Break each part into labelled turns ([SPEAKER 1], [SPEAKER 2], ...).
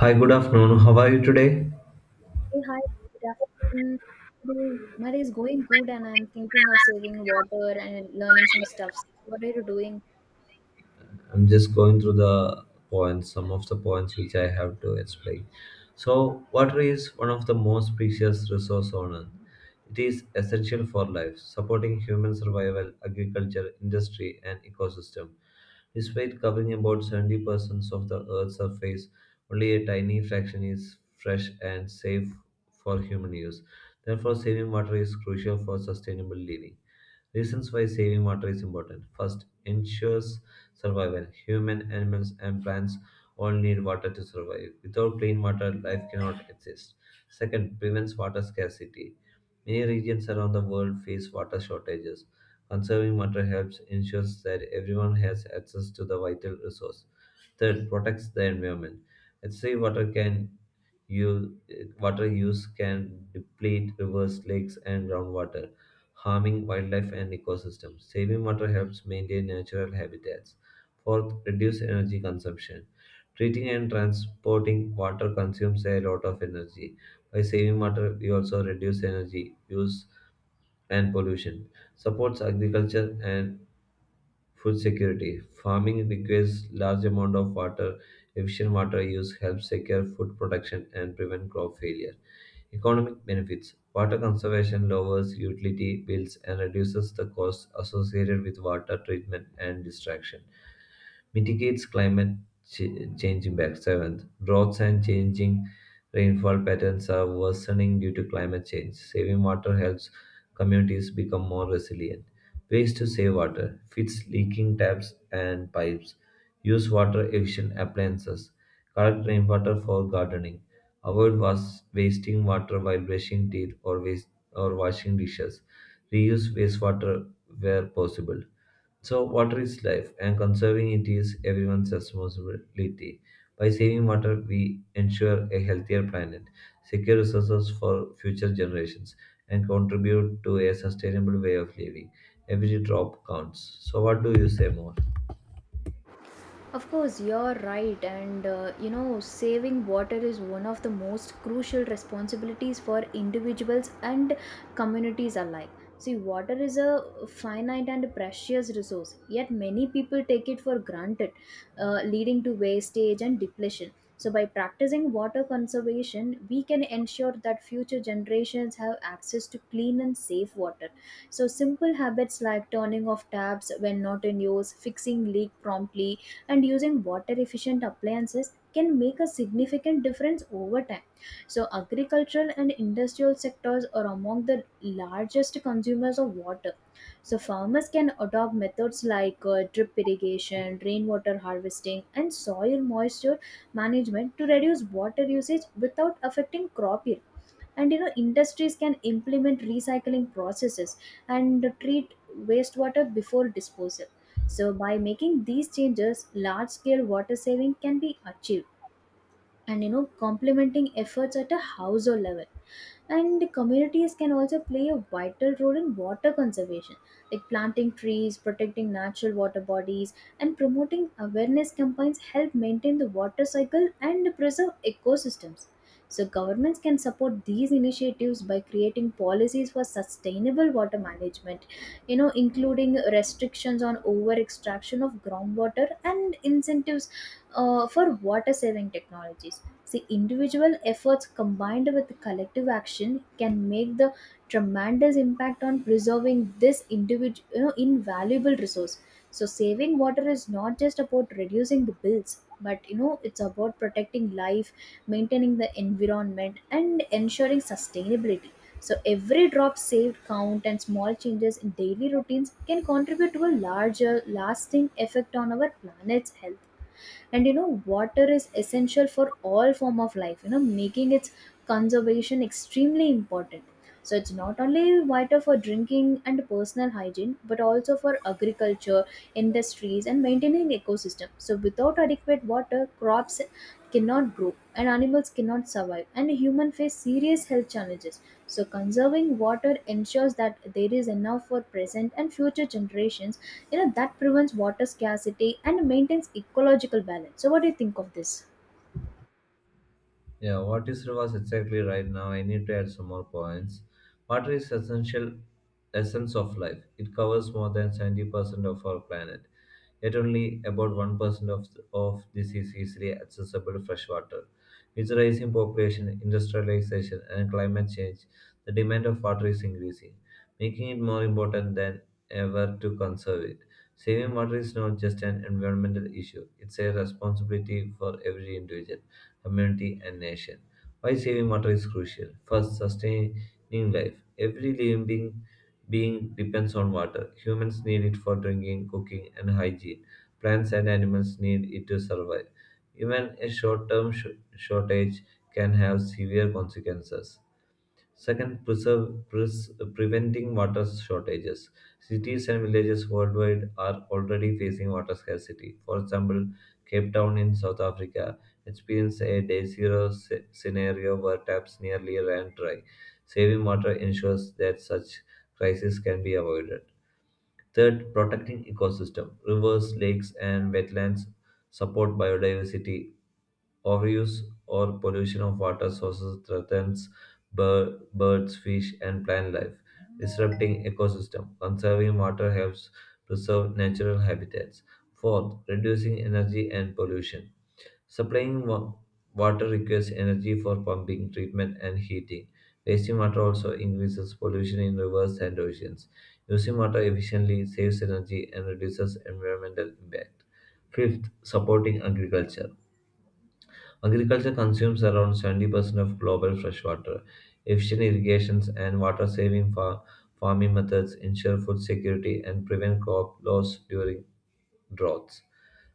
[SPEAKER 1] Hi, good afternoon. How are you today?
[SPEAKER 2] Hey, hi, good afternoon. Today, my day is going good, and I'm thinking of saving water and learning some stuffs. What are you doing?
[SPEAKER 1] I'm just going through the points, some of the points which I have to explain. So, water is one of the most precious resource on earth. It is essential for life, supporting human survival, agriculture, industry, and ecosystem. Despite covering about 70% of the Earth's surface, only a tiny fraction is fresh and safe for human use. Therefore, saving water is crucial for sustainable living. Reasons why saving water is important. First, ensures Survival Human, animals, and plants all need water to survive. Without clean water, life cannot exist. Second, prevents water scarcity. Many regions around the world face water shortages. Conserving water helps ensures that everyone has access to the vital resource. Third, protects the environment. Excessive water can u- water use can deplete rivers, lakes, and groundwater, harming wildlife and ecosystems. Saving water helps maintain natural habitats. Fourth, reduce energy consumption. Treating and transporting water consumes a lot of energy. By saving water, we also reduce energy use and pollution. Supports agriculture and food security. Farming requires large amount of water. Efficient water use helps secure food production and prevent crop failure. Economic benefits Water conservation lowers utility bills and reduces the costs associated with water treatment and destruction mitigates climate change impact. Seventh, droughts and changing rainfall patterns are worsening due to climate change. Saving water helps communities become more resilient. Ways to save water: fix leaking taps and pipes, use water-efficient appliances, collect rainwater for gardening, avoid wasting water while brushing teeth or waste or washing dishes, reuse wastewater where possible so, water is life, and conserving it is everyone's responsibility. By saving water, we ensure a healthier planet, secure resources for future generations, and contribute to a sustainable way of living. Every drop counts. So, what do you say more?
[SPEAKER 2] Of course, you're right, and saving water is one of the most crucial responsibilities for individuals and communities alike. See, water is a finite and precious resource, yet, many people take it for granted, leading to wastage and depletion. So, by practicing water conservation, we can ensure that future generations have access to clean and safe water. So, simple habits like turning off taps when not in use, fixing leak promptly, and using water efficient appliances can make a significant difference over time. So, agricultural and industrial sectors are among the largest consumers of water. So, farmers can adopt methods like drip irrigation, rainwater harvesting, and soil moisture management to reduce water usage without affecting crop yield. And industries can implement recycling processes and treat wastewater before disposal. So, by making these changes, large scale water saving can be achieved, and complementing efforts at a household level. And communities can also play a vital role in water conservation, like planting trees, protecting natural water bodies, and promoting awareness campaigns help maintain the water cycle and preserve ecosystems. So governments can support these initiatives by creating policies for sustainable water management, including restrictions on over extraction of groundwater and incentives for water saving technologies. See, individual efforts combined with collective action can make the tremendous impact on preserving this individual, invaluable resource. So, saving water is not just about reducing the bills, but it's about protecting life, maintaining the environment, and ensuring sustainability. So, every drop saved count, and small changes in daily routines can contribute to a larger, lasting effect on our planet's health. And water is essential for all form of life, making its conservation extremely important. So it's not only vital for drinking and personal hygiene, but also for agriculture, industries, and maintaining ecosystem. So without adequate water, where crops cannot grow and animals cannot survive, and humans face serious health challenges. So conserving water ensures that there is enough for present and future generations, that prevents water scarcity and maintains ecological balance. So what do you think of this?
[SPEAKER 1] Yeah, what you said was exactly right. Now I need to add some more points. Water is essential essence of life. It covers more than 70% of our planet. Yet only about 1% of this is easily accessible fresh water. With rising population, industrialization, and climate change, the demand of water is increasing, making it more important than ever to conserve it. Saving water is not just an environmental issue, it's a responsibility for every individual community, and nation. Why saving water is crucial? First, sustaining life. Every living being depends on water. Humans need it for drinking, cooking, and hygiene. Plants and animals need it to survive. Even a short term shortage can have severe consequences. Second, preventing water shortages. Cities and villages worldwide are already facing water scarcity. For example, Cape Town in South Africa experienced a day zero scenario where taps nearly ran dry. Saving water ensures that such crises can be avoided. Third, protecting ecosystem. Rivers, lakes, and wetlands support biodiversity Overuse or pollution of water sources threatens birds, fish, and plant life, disrupting ecosystem. Conserving water helps preserve natural habitats. Fourth, reducing energy and pollution. Supplying water requires energy for pumping, treatment, and heating. Wasting water also increases pollution in rivers and oceans. Using water efficiently saves energy and reduces environmental impact. Fifth, supporting agriculture Agriculture consumes around 70% of global fresh water. Efficient irrigations and water saving farming methods ensure food security and prevent crop loss during droughts.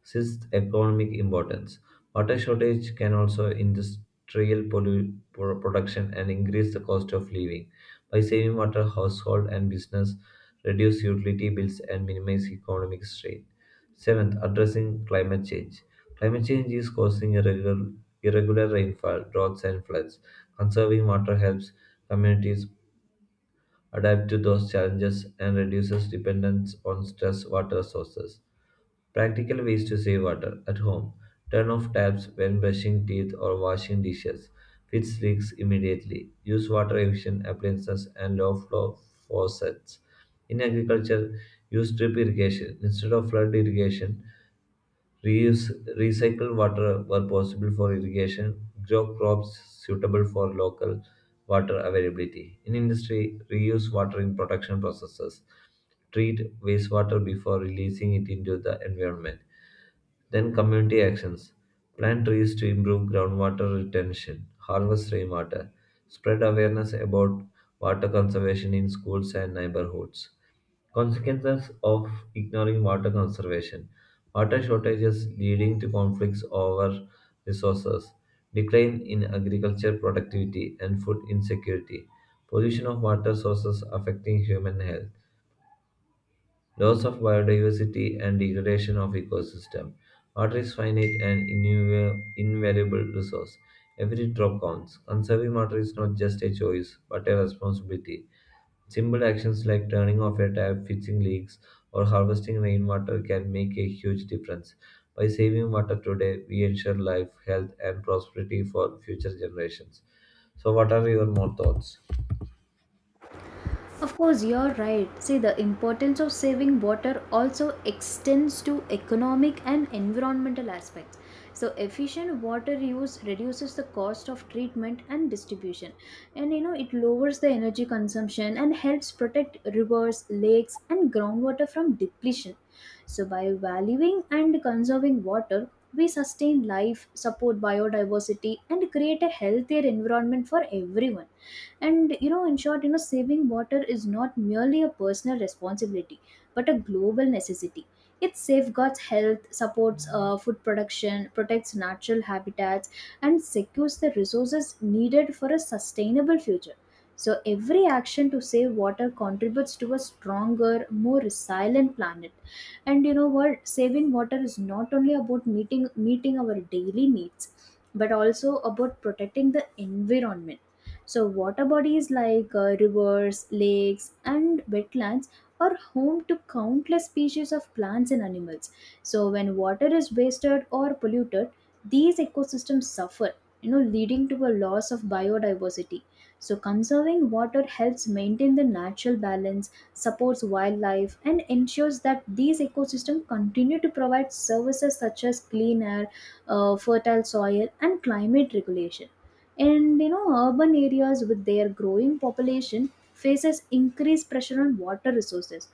[SPEAKER 1] Sixth, economic importance. Water shortage can also industrial production and increase the cost of living. By saving water, household and business reduce utility bills and minimize economic strain. Seventh, addressing climate change. Climate change is causing irregular rainfall, droughts, and floods. Conserving water helps communities adapt to those challenges and reduces dependence on stress water sources. Practical ways to save water at home. Turn off taps when brushing teeth or washing dishes. Fix leaks immediately. Use water efficient appliances and low flow faucets. In agriculture, use drip irrigation instead of flood irrigation Reuse recycle water were possible for irrigation, grow crops suitable for local water availability. In industry, reuse water in production processes. Treat wastewater before releasing it into the environment. Then community actions. Plant trees to improve groundwater retention. Harvest rainwater. Spread awareness about water conservation in schools and neighborhoods. Consequences of ignoring water conservation water shortages leading to conflicts over resources, decline in agriculture productivity, and food insecurity, pollution of water sources affecting human health, loss of biodiversity, and degradation of ecosystem. Water is finite and invaluable resource. Every drop counts. Conserving water is not just a choice, but a responsibility Simple actions like turning off a tap, fixing leaks, or harvesting rainwater can make a huge difference. By saving water today, we ensure life, health, and prosperity for future generations. So, what are your more thoughts?
[SPEAKER 2] Of course, you're right. See, the importance of saving water also extends to economic and environmental aspects. So, efficient water use reduces the cost of treatment and distribution. And it lowers the energy consumption and helps protect rivers, lakes, and groundwater from depletion. So, by valuing and conserving water, we sustain life, support biodiversity, and create a healthier environment for everyone. And in short, saving water is not merely a personal responsibility, but a global necessity. It safeguards health, supports food production, protects natural habitats, and secures the resources needed for a sustainable future. So every action to save water contributes to a stronger, more resilient planet. And you know what saving water is not only about meeting our daily needs, but also about protecting the environment. So, water bodies like rivers, lakes, and wetlands are home to countless species of plants and animals. So, when water is wasted or polluted, these ecosystems suffer, leading to a loss of biodiversity. So, conserving water helps maintain the natural balance, supports wildlife, and ensures that these ecosystems continue to provide services such as clean air, fertile soil, and climate regulation. And urban areas with their growing population faces increased pressure on water resources.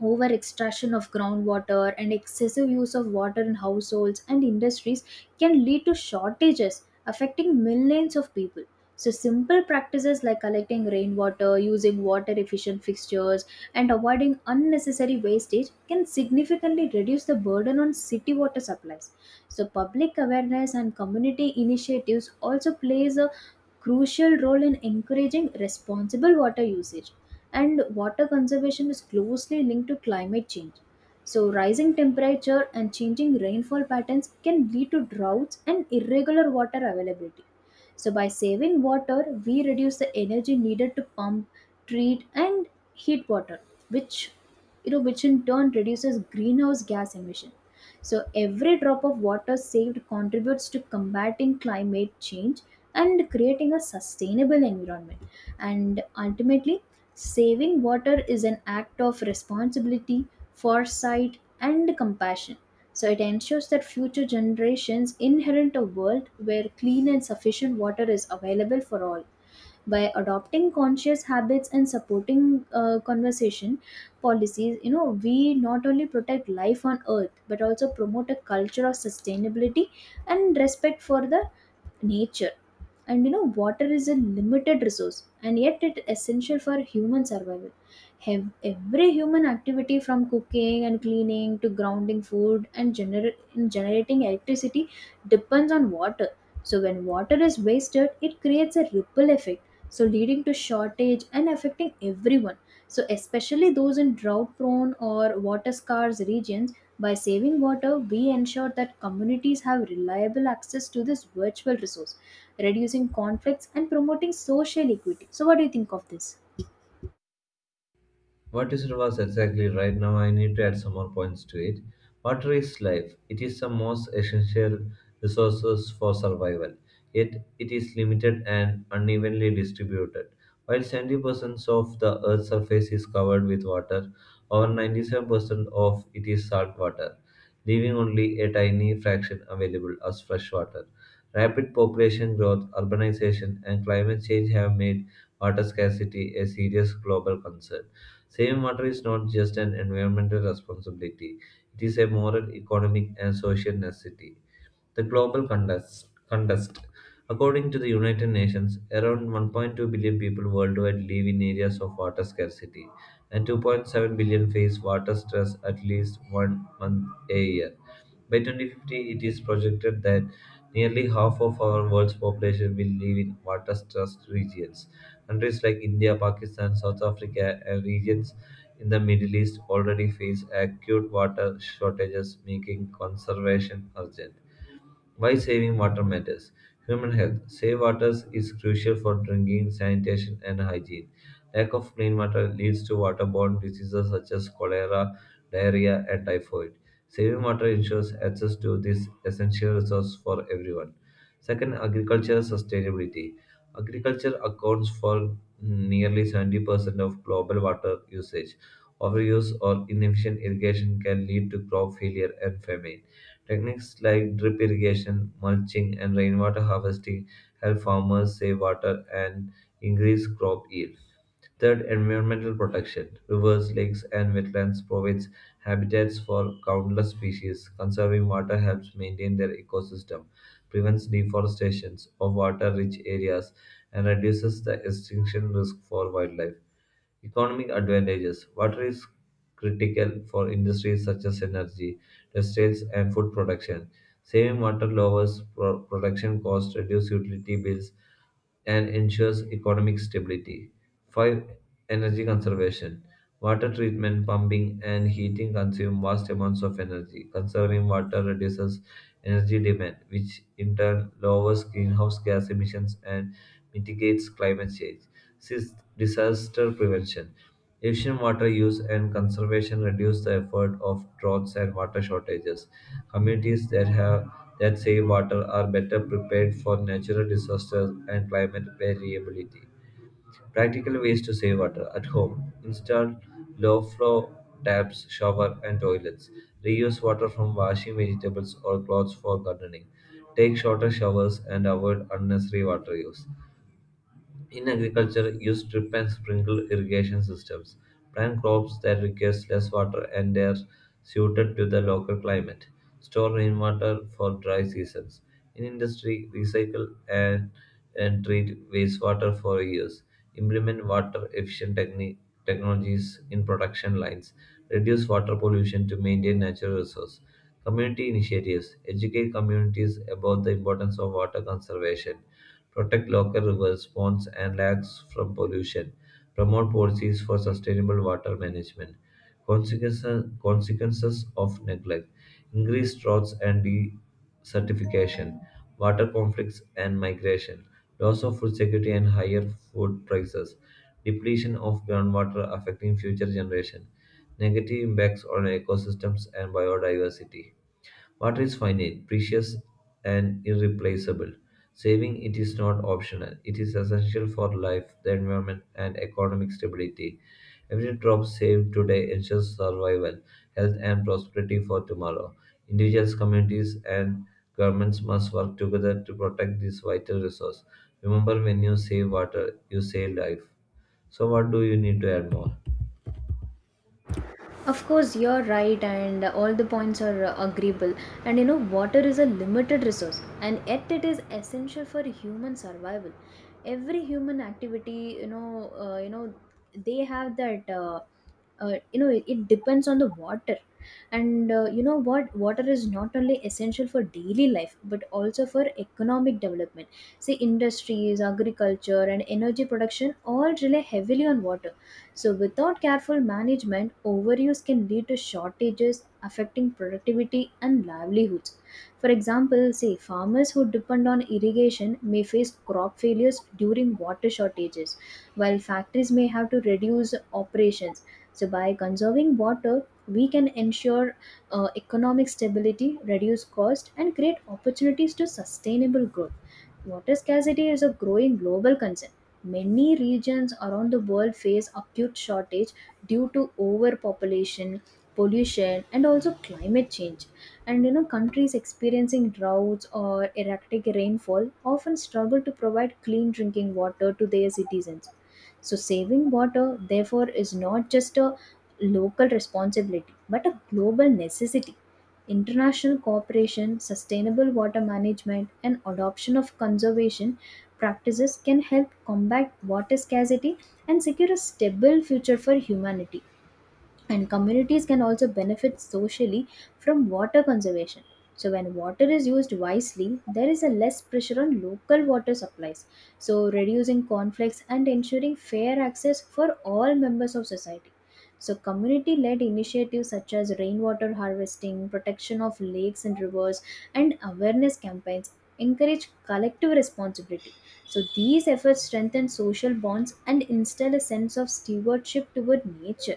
[SPEAKER 2] Over extraction of groundwater and excessive use of water in households and industries can lead to shortages affecting millions of people. So, simple practices like collecting rainwater, using water efficient fixtures, and avoiding unnecessary wastage can significantly reduce the burden on city water supplies. So, public awareness and community initiatives also plays a crucial role in encouraging responsible water usage. And water conservation is closely linked to climate change. So, rising temperature and changing rainfall patterns can lead to droughts and irregular water availability. So, by saving water, we reduce the energy needed to pump, treat, and heat water, which which in turn reduces greenhouse gas emission. So, every drop of water saved contributes to combating climate change and creating a sustainable environment. And ultimately, saving water is an act of responsibility, foresight, and compassion. So it ensures that future generations inherit a world where clean and sufficient water is available for all. By adopting conscious habits and supporting conversation policies, we not only protect life on earth, but also promote a culture of sustainability and respect for the nature. And water is a limited resource, and yet it is essential for human survival. Have Every human activity, from cooking and cleaning to grounding food and generating electricity, depends on water. So when water is wasted, it creates a ripple effect, so leading to shortage and affecting everyone, so especially those in drought prone or water scarce regions. By saving water, we ensure that communities have reliable access to this virtual resource, reducing conflicts and promoting social equity. So what do you think of this?
[SPEAKER 1] What is you was exactly right. Now I need to add some more points to it. Water is life. It is the most essential resources for survival. Yet it is limited and unevenly distributed. While 70% of the Earth's surface is covered with water, over 97% of it is salt water, leaving only a tiny fraction available as fresh water. Rapid population growth, urbanization, and climate change have made water scarcity a serious global concern. Saving water is not just an environmental responsibility, it is a moral, economic, and social necessity. The global contest. According to the United Nations, around 1.2 billion people worldwide live in areas of water scarcity, and 2.7 billion face water stress at least one month a year. By 2050, it is projected that nearly half of our world's population will live in water stressed regions. Countries like India, Pakistan, South Africa, and regions in the Middle East already face acute water shortages, making conservation urgent. Why saving water matters. Human health. Safe water is crucial for drinking, sanitation, and hygiene. Lack of clean water leads to waterborne diseases such as cholera, diarrhea, and typhoid. Saving water ensures access to this essential resource for everyone. Second, agricultural sustainability. Agriculture accounts for nearly 70% of global water usage. Overuse or inefficient irrigation can lead to crop failure and famine. Techniques like drip irrigation, mulching, and rainwater harvesting help farmers save water and increase crop yield. Third, environmental protection. Rivers, lakes, and wetlands provides habitats for countless species. Conserving water helps maintain their ecosystem, prevents deforestation of water-rich areas, and reduces the extinction risk for wildlife. Economic advantages. Water is critical for industries such as energy, textiles, and food production. Saving water lowers production costs, reduce utility bills, and ensures economic stability. 5. Energy conservation. Water treatment, pumping, and heating consume vast amounts of energy. Conserving water reduces energy demand, which in turn lowers greenhouse gas emissions and mitigates climate change. 6. Disaster prevention. Efficient water use and conservation reduce the effort of droughts and water shortages. Communities that save water are better prepared for natural disasters and climate variability. Practical ways to save water at home: install low flow taps, shower and toilets. Reuse water from washing vegetables or clothes for gardening. Take shorter showers and avoid unnecessary water use. In agriculture, use drip and sprinkle irrigation systems. Plant crops that require less water and are suited to the local climate. Store rainwater for dry seasons. In industry, recycle and treat wastewater for reuse. Implement water efficient technologies in production lines. Reduce water pollution to maintain natural resources. Community initiatives educate communities about the importance of water conservation protect local rivers, ponds, and lakes from pollution, promote policies for sustainable water management, consequences of neglect, increased droughts and desertification, water conflicts and migration, loss of food security and higher food prices, depletion of groundwater affecting future generations, negative impacts on ecosystems and biodiversity. Water is finite, precious, and irreplaceable. Saving it is not optional, it is essential for life, the environment, and economic stability. Every drop saved today ensures survival, health, and prosperity for tomorrow. Individuals, communities, and governments must work together to protect this vital resource. Remember, when you save water, you save life. So, what do you need to add more?
[SPEAKER 2] Of course, you're right, and all the points are agreeable. And water is a limited resource, and yet it is essential for human survival. Every human activity, you know, they have that. You know it, it depends on the water. And uh, you know what water is not only essential for daily life but also for economic development. See, industries, agriculture, and energy production all rely heavily on water. So without careful management, overuse can lead to shortages affecting productivity and livelihoods. For example, say farmers who depend on irrigation may face crop failures during water shortages, while factories may have to reduce operations. So, by conserving water, we can ensure economic stability, reduce cost, and create opportunities to sustainable growth. Water scarcity is a growing global concern. Many regions around the world face acute shortage due to overpopulation, pollution, and also climate change. And countries experiencing droughts or erratic rainfall often struggle to provide clean drinking water to their citizens. So, saving water, therefore, is not just a local responsibility but a global necessity. International cooperation, sustainable water management, and adoption of conservation practices can help combat water scarcity and secure a stable future for humanity. And communities can also benefit socially from water conservation. So, when water is used wisely, there is a less pressure on local water supplies, so reducing conflicts and ensuring fair access for all members of society. So, community led initiatives such as rainwater harvesting, protection of lakes and rivers, and awareness campaigns encourage collective responsibility. So, these efforts strengthen social bonds and instill a sense of stewardship toward nature.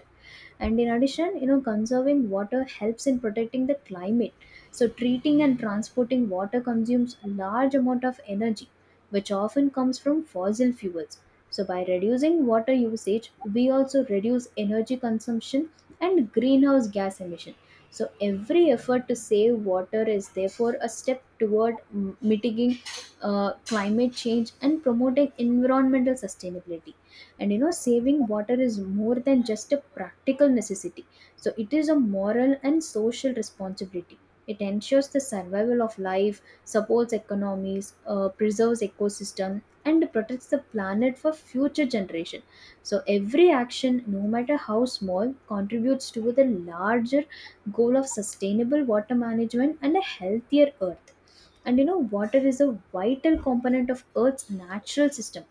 [SPEAKER 2] And in addition, conserving water helps in protecting the climate. So treating and transporting water consumes a large amount of energy, which often comes from fossil fuels. So by reducing water usage, we also reduce energy consumption and greenhouse gas emission. So every effort to save water is therefore a step toward mitigating climate change and promoting environmental sustainability. And saving water is more than just a practical necessity. So it is a moral and social responsibility. It ensures the survival of life, supports economies, preserves ecosystem, and protects the planet for future generation. So every action, no matter how small, contributes to the larger goal of sustainable water management and a healthier earth. And water is a vital component of Earth's natural system.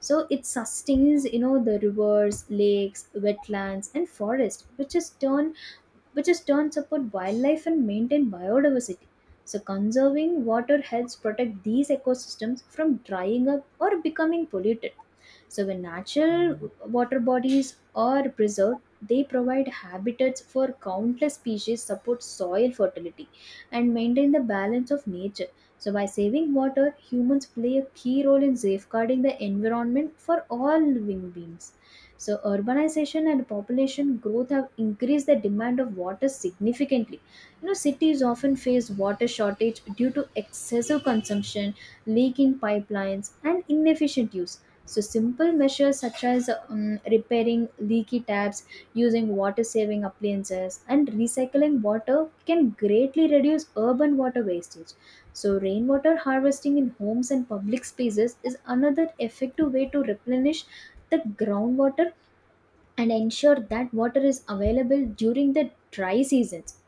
[SPEAKER 2] So it sustains, the rivers, lakes, wetlands, and forests, which is turn support wildlife and maintain biodiversity. So conserving water helps protect these ecosystems from drying up or becoming polluted. So, when natural water bodies are preserved, they provide habitats for countless species, support soil fertility, and maintain the balance of nature. So, by saving water, humans play a key role in safeguarding the environment for all living beings. So, urbanization and population growth have increased the demand of water significantly. You know, cities often face water shortage due to excessive consumption, leaking pipelines, and inefficient use. So, simple measures such as repairing leaky taps, using water saving appliances, and recycling water can greatly reduce urban water wastage. So, rainwater harvesting in homes and public spaces is another effective way to replenish the groundwater and ensure that water is available during the dry seasons.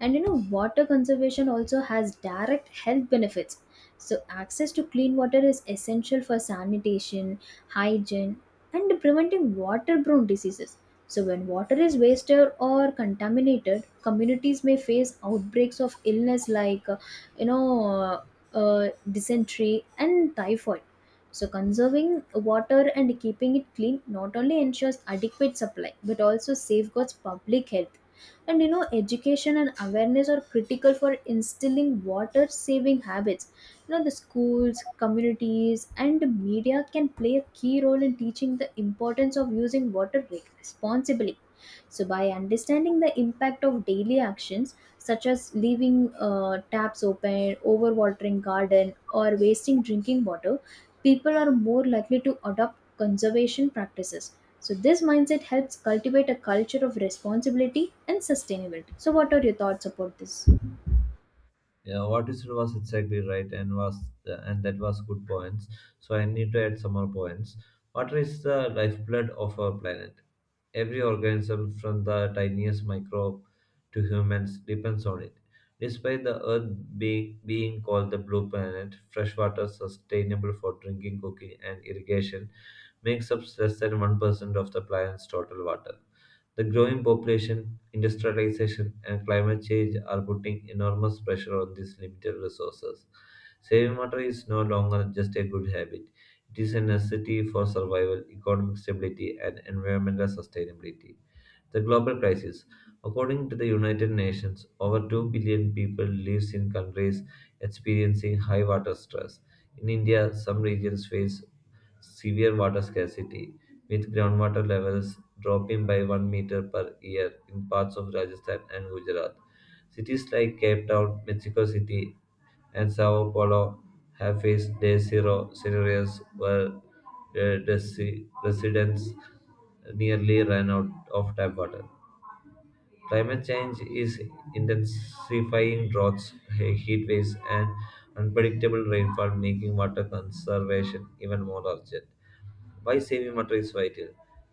[SPEAKER 2] And water conservation also has direct health benefits. So, access to clean water is essential for sanitation, hygiene, and preventing waterborne diseases. So, when water is wasted or contaminated, communities may face outbreaks of illness like, you know, uh, dysentery and typhoid. So, conserving water and keeping it clean not only ensures adequate supply but also safeguards public health. And you know, education and awareness are critical for instilling water saving habits. You know, the schools, communities, and media can play a key role in teaching the importance of using water responsibly, so by understanding the impact of daily actions such as leaving taps open, overwatering garden, or wasting drinking water, people are more likely to adopt conservation practices. So this mindset helps cultivate a culture of responsibility and sustainability. So what are your thoughts about this?
[SPEAKER 1] Yeah, what you said was exactly right, and that was good points. So I need to add some more points. Water is the lifeblood of our planet. Every organism, from the tiniest microbe to humans, depends on it. Despite the Earth being called the blue planet, fresh water sustainable for drinking, cooking, and irrigation makes up less than 1% of the planet's total water. The growing population, industrialization, and climate change are putting enormous pressure on these limited resources. Saving water is no longer just a good habit, it is a necessity for survival, economic stability, and environmental sustainability. The global crisis. According to the United Nations, over 2 billion people lives in countries experiencing high water stress. In India, some regions face severe water scarcity, with groundwater levels dropping by 1 meter per year in parts of Rajasthan and Gujarat. Cities like Cape Town, Mexico City, and Sao Paulo have faced day zero scenarios where residents nearly ran out of tap water. Climate change is intensifying droughts, heat waves, and unpredictable rainfall, making water conservation even more urgent. Why saving water is vital?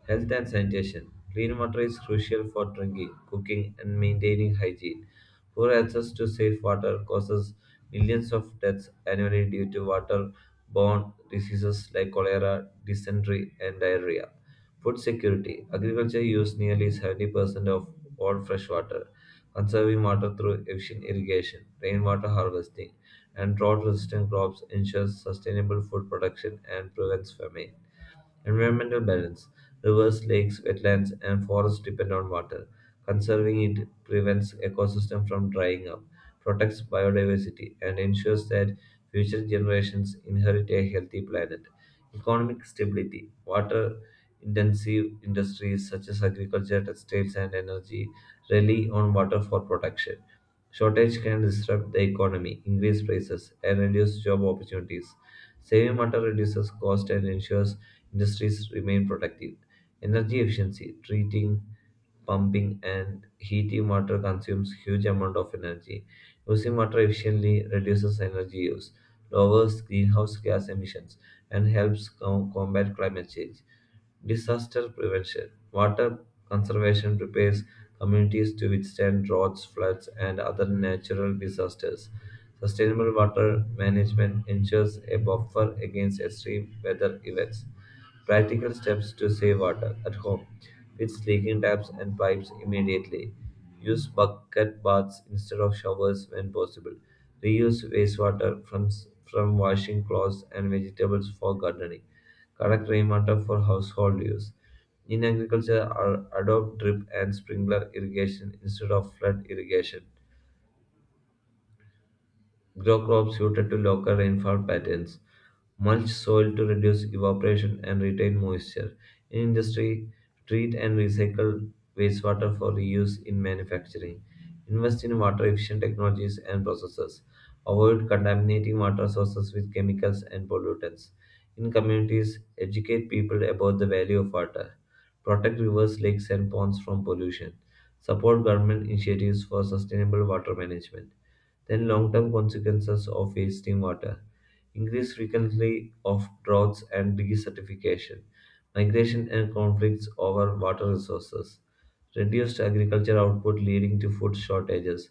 [SPEAKER 1] Health and sanitation. Clean water is crucial for drinking, cooking, and maintaining hygiene. Poor access to safe water causes millions of deaths annually due to water-borne diseases like cholera, dysentery, and diarrhea. Food security. Agriculture uses nearly 70% of all fresh water. Conserving water through efficient irrigation, rainwater harvesting, and drought resistant crops ensures sustainable food production and prevents famine. Environmental balance. Rivers, lakes, wetlands, and forests depend on water. Conserving it prevents ecosystem from drying up, protects biodiversity, and ensures that future generations inherit a healthy planet. Economic stability. Water intensive industries such as agriculture, textiles, and energy rely on water for protection. Shortage can disrupt the economy, increase prices, and reduce job opportunities. Saving water reduces cost and ensures industries remain productive. Energy efficiency, treating, pumping, and heating water consumes huge amount of energy. Using water efficiently reduces energy use, lowers greenhouse gas emissions, and helps combat climate change. Disaster prevention. Water conservation prepares communities to withstand droughts, floods, and other natural disasters. Sustainable water management ensures a buffer against extreme weather events. Practical steps to save water at home. Fix leaking taps and pipes immediately. Use bucket baths instead of showers when possible. Reuse wastewater from washing clothes and vegetables for gardening. Collect rainwater for household use. In agriculture, adopt drip and sprinkler irrigation instead of flood irrigation. Grow crops suited to local rainfall patterns. Mulch soil to reduce evaporation and retain moisture. In industry, treat and recycle wastewater for reuse in manufacturing. Invest in water efficient technologies and processes. Avoid contaminating water sources with chemicals and pollutants. In communities, educate people about the value of water. Protect rivers, lakes, and ponds from pollution. Support government initiatives for sustainable water management then long term consequences of wasting water, increased frequency of droughts and desertification, migration and conflicts over water resources, reduced agriculture output leading to food shortages,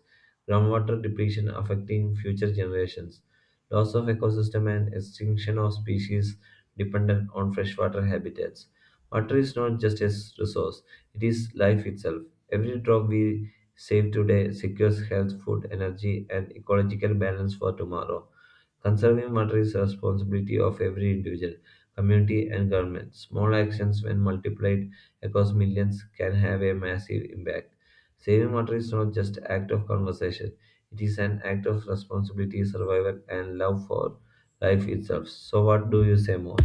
[SPEAKER 1] groundwater depletion affecting future generations, loss of ecosystem and extinction of species dependent on freshwater habitats. Water is not just a resource, it is life itself. Every drop we Save today secures health, food, energy, and ecological balance for tomorrow. Conserving water is a responsibility of every individual, community, and government. Small actions, when multiplied across millions, can have a massive impact. Saving water is not just an act of conversation; it is an act of responsibility, survival, and love for life itself. So, what do you say more?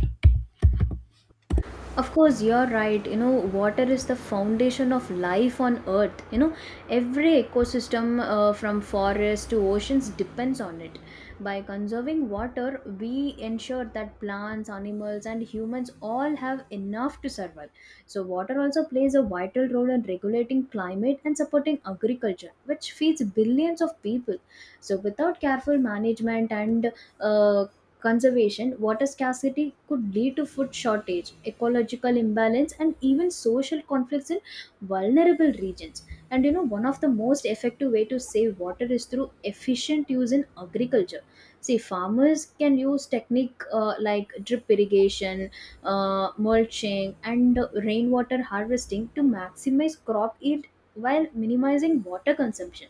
[SPEAKER 2] Of course, you're right. You know, water is the foundation of life on earth. You know, every ecosystem from forests to oceans depends on it. By conserving water, we ensure that plants, animals, and humans all have enough to survive. So water also plays a vital role in regulating climate and supporting agriculture, which feeds billions of people. So without careful management and uh, conservation, water scarcity could lead to food shortage, ecological imbalance, and even social conflicts in vulnerable regions. And you know, one of the most effective way to save water is through efficient use in agriculture. See, farmers can use technique like drip irrigation, mulching, and rainwater harvesting to maximize crop yield while minimizing water consumption.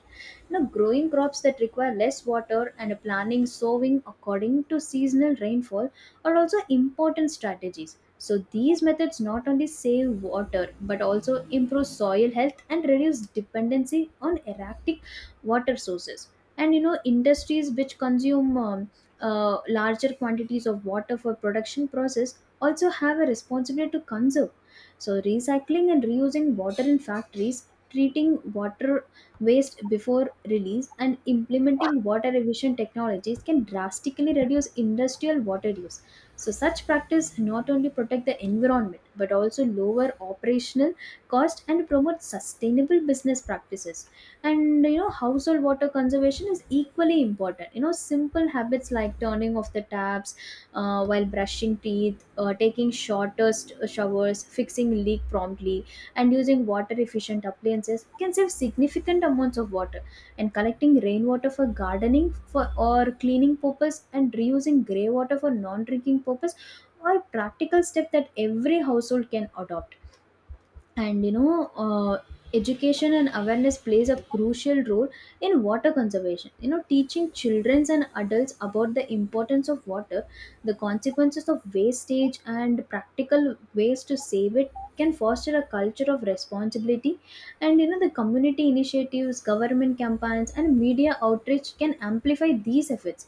[SPEAKER 2] Now, growing crops that require less water and planning sowing according to seasonal rainfall are also important strategies. So these methods not only save water but also improve soil health and reduce dependency on erratic water sources. And you know, industries which consume larger quantities of water for production process also have a responsibility to conserve. So recycling and reusing water in factories, treating water waste before release, and implementing water efficient technologies can drastically reduce industrial water use. So such practice not only protect the environment but also lower operational cost and promote sustainable business practices. And you know, household water conservation is equally important. You know, simple habits like turning off the taps while brushing teeth, taking shortest showers, fixing leak promptly, and using water efficient appliances can save significant amounts of water. And collecting rainwater for gardening for or cleaning purpose and reusing grey water for non drinking purpose are practical steps that every household can adopt. And you know, uh, education and awareness plays a crucial role in water conservation. You know, teaching children and adults about the importance of water, the consequences of wastage, and practical ways to save it can foster a culture of responsibility. And you know, the community initiatives, government campaigns, and media outreach can amplify these efforts,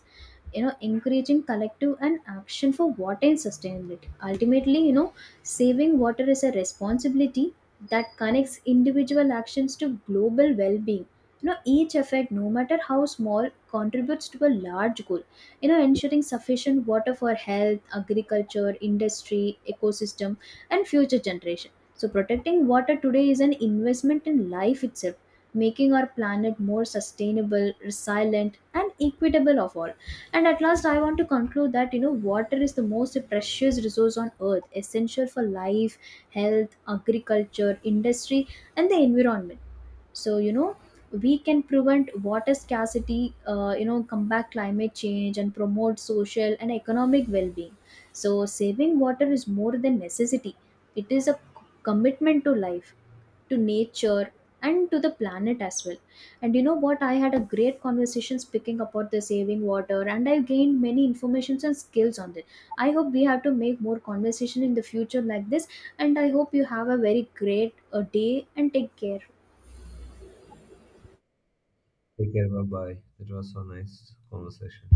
[SPEAKER 2] you know, encouraging collective and action for water and sustainability. Ultimately, you know, saving water is a responsibility that connects individual actions to global well-being. You know, each effect, no matter how small, contributes to a large goal, you know, ensuring sufficient water for health, agriculture, industry, ecosystem, and future generation. So protecting water today is an investment in life itself, making our planet more sustainable, resilient, and equitable of all. And at last, I want to conclude that, you know, water is the most precious resource on earth, essential for life, health, agriculture, industry, and the environment. So you know, we can prevent water scarcity, you know, combat climate change, and promote social and economic well-being. So saving water is more than necessity. It is a commitment to life, to nature, and to the planet as well. And you know what, I had a great conversation speaking about the saving water and I gained many informations and skills on this. I hope we have to make more conversation in the future like this. And I hope you have a very great day and take care.
[SPEAKER 1] Take care. Bye bye. It was so nice conversation.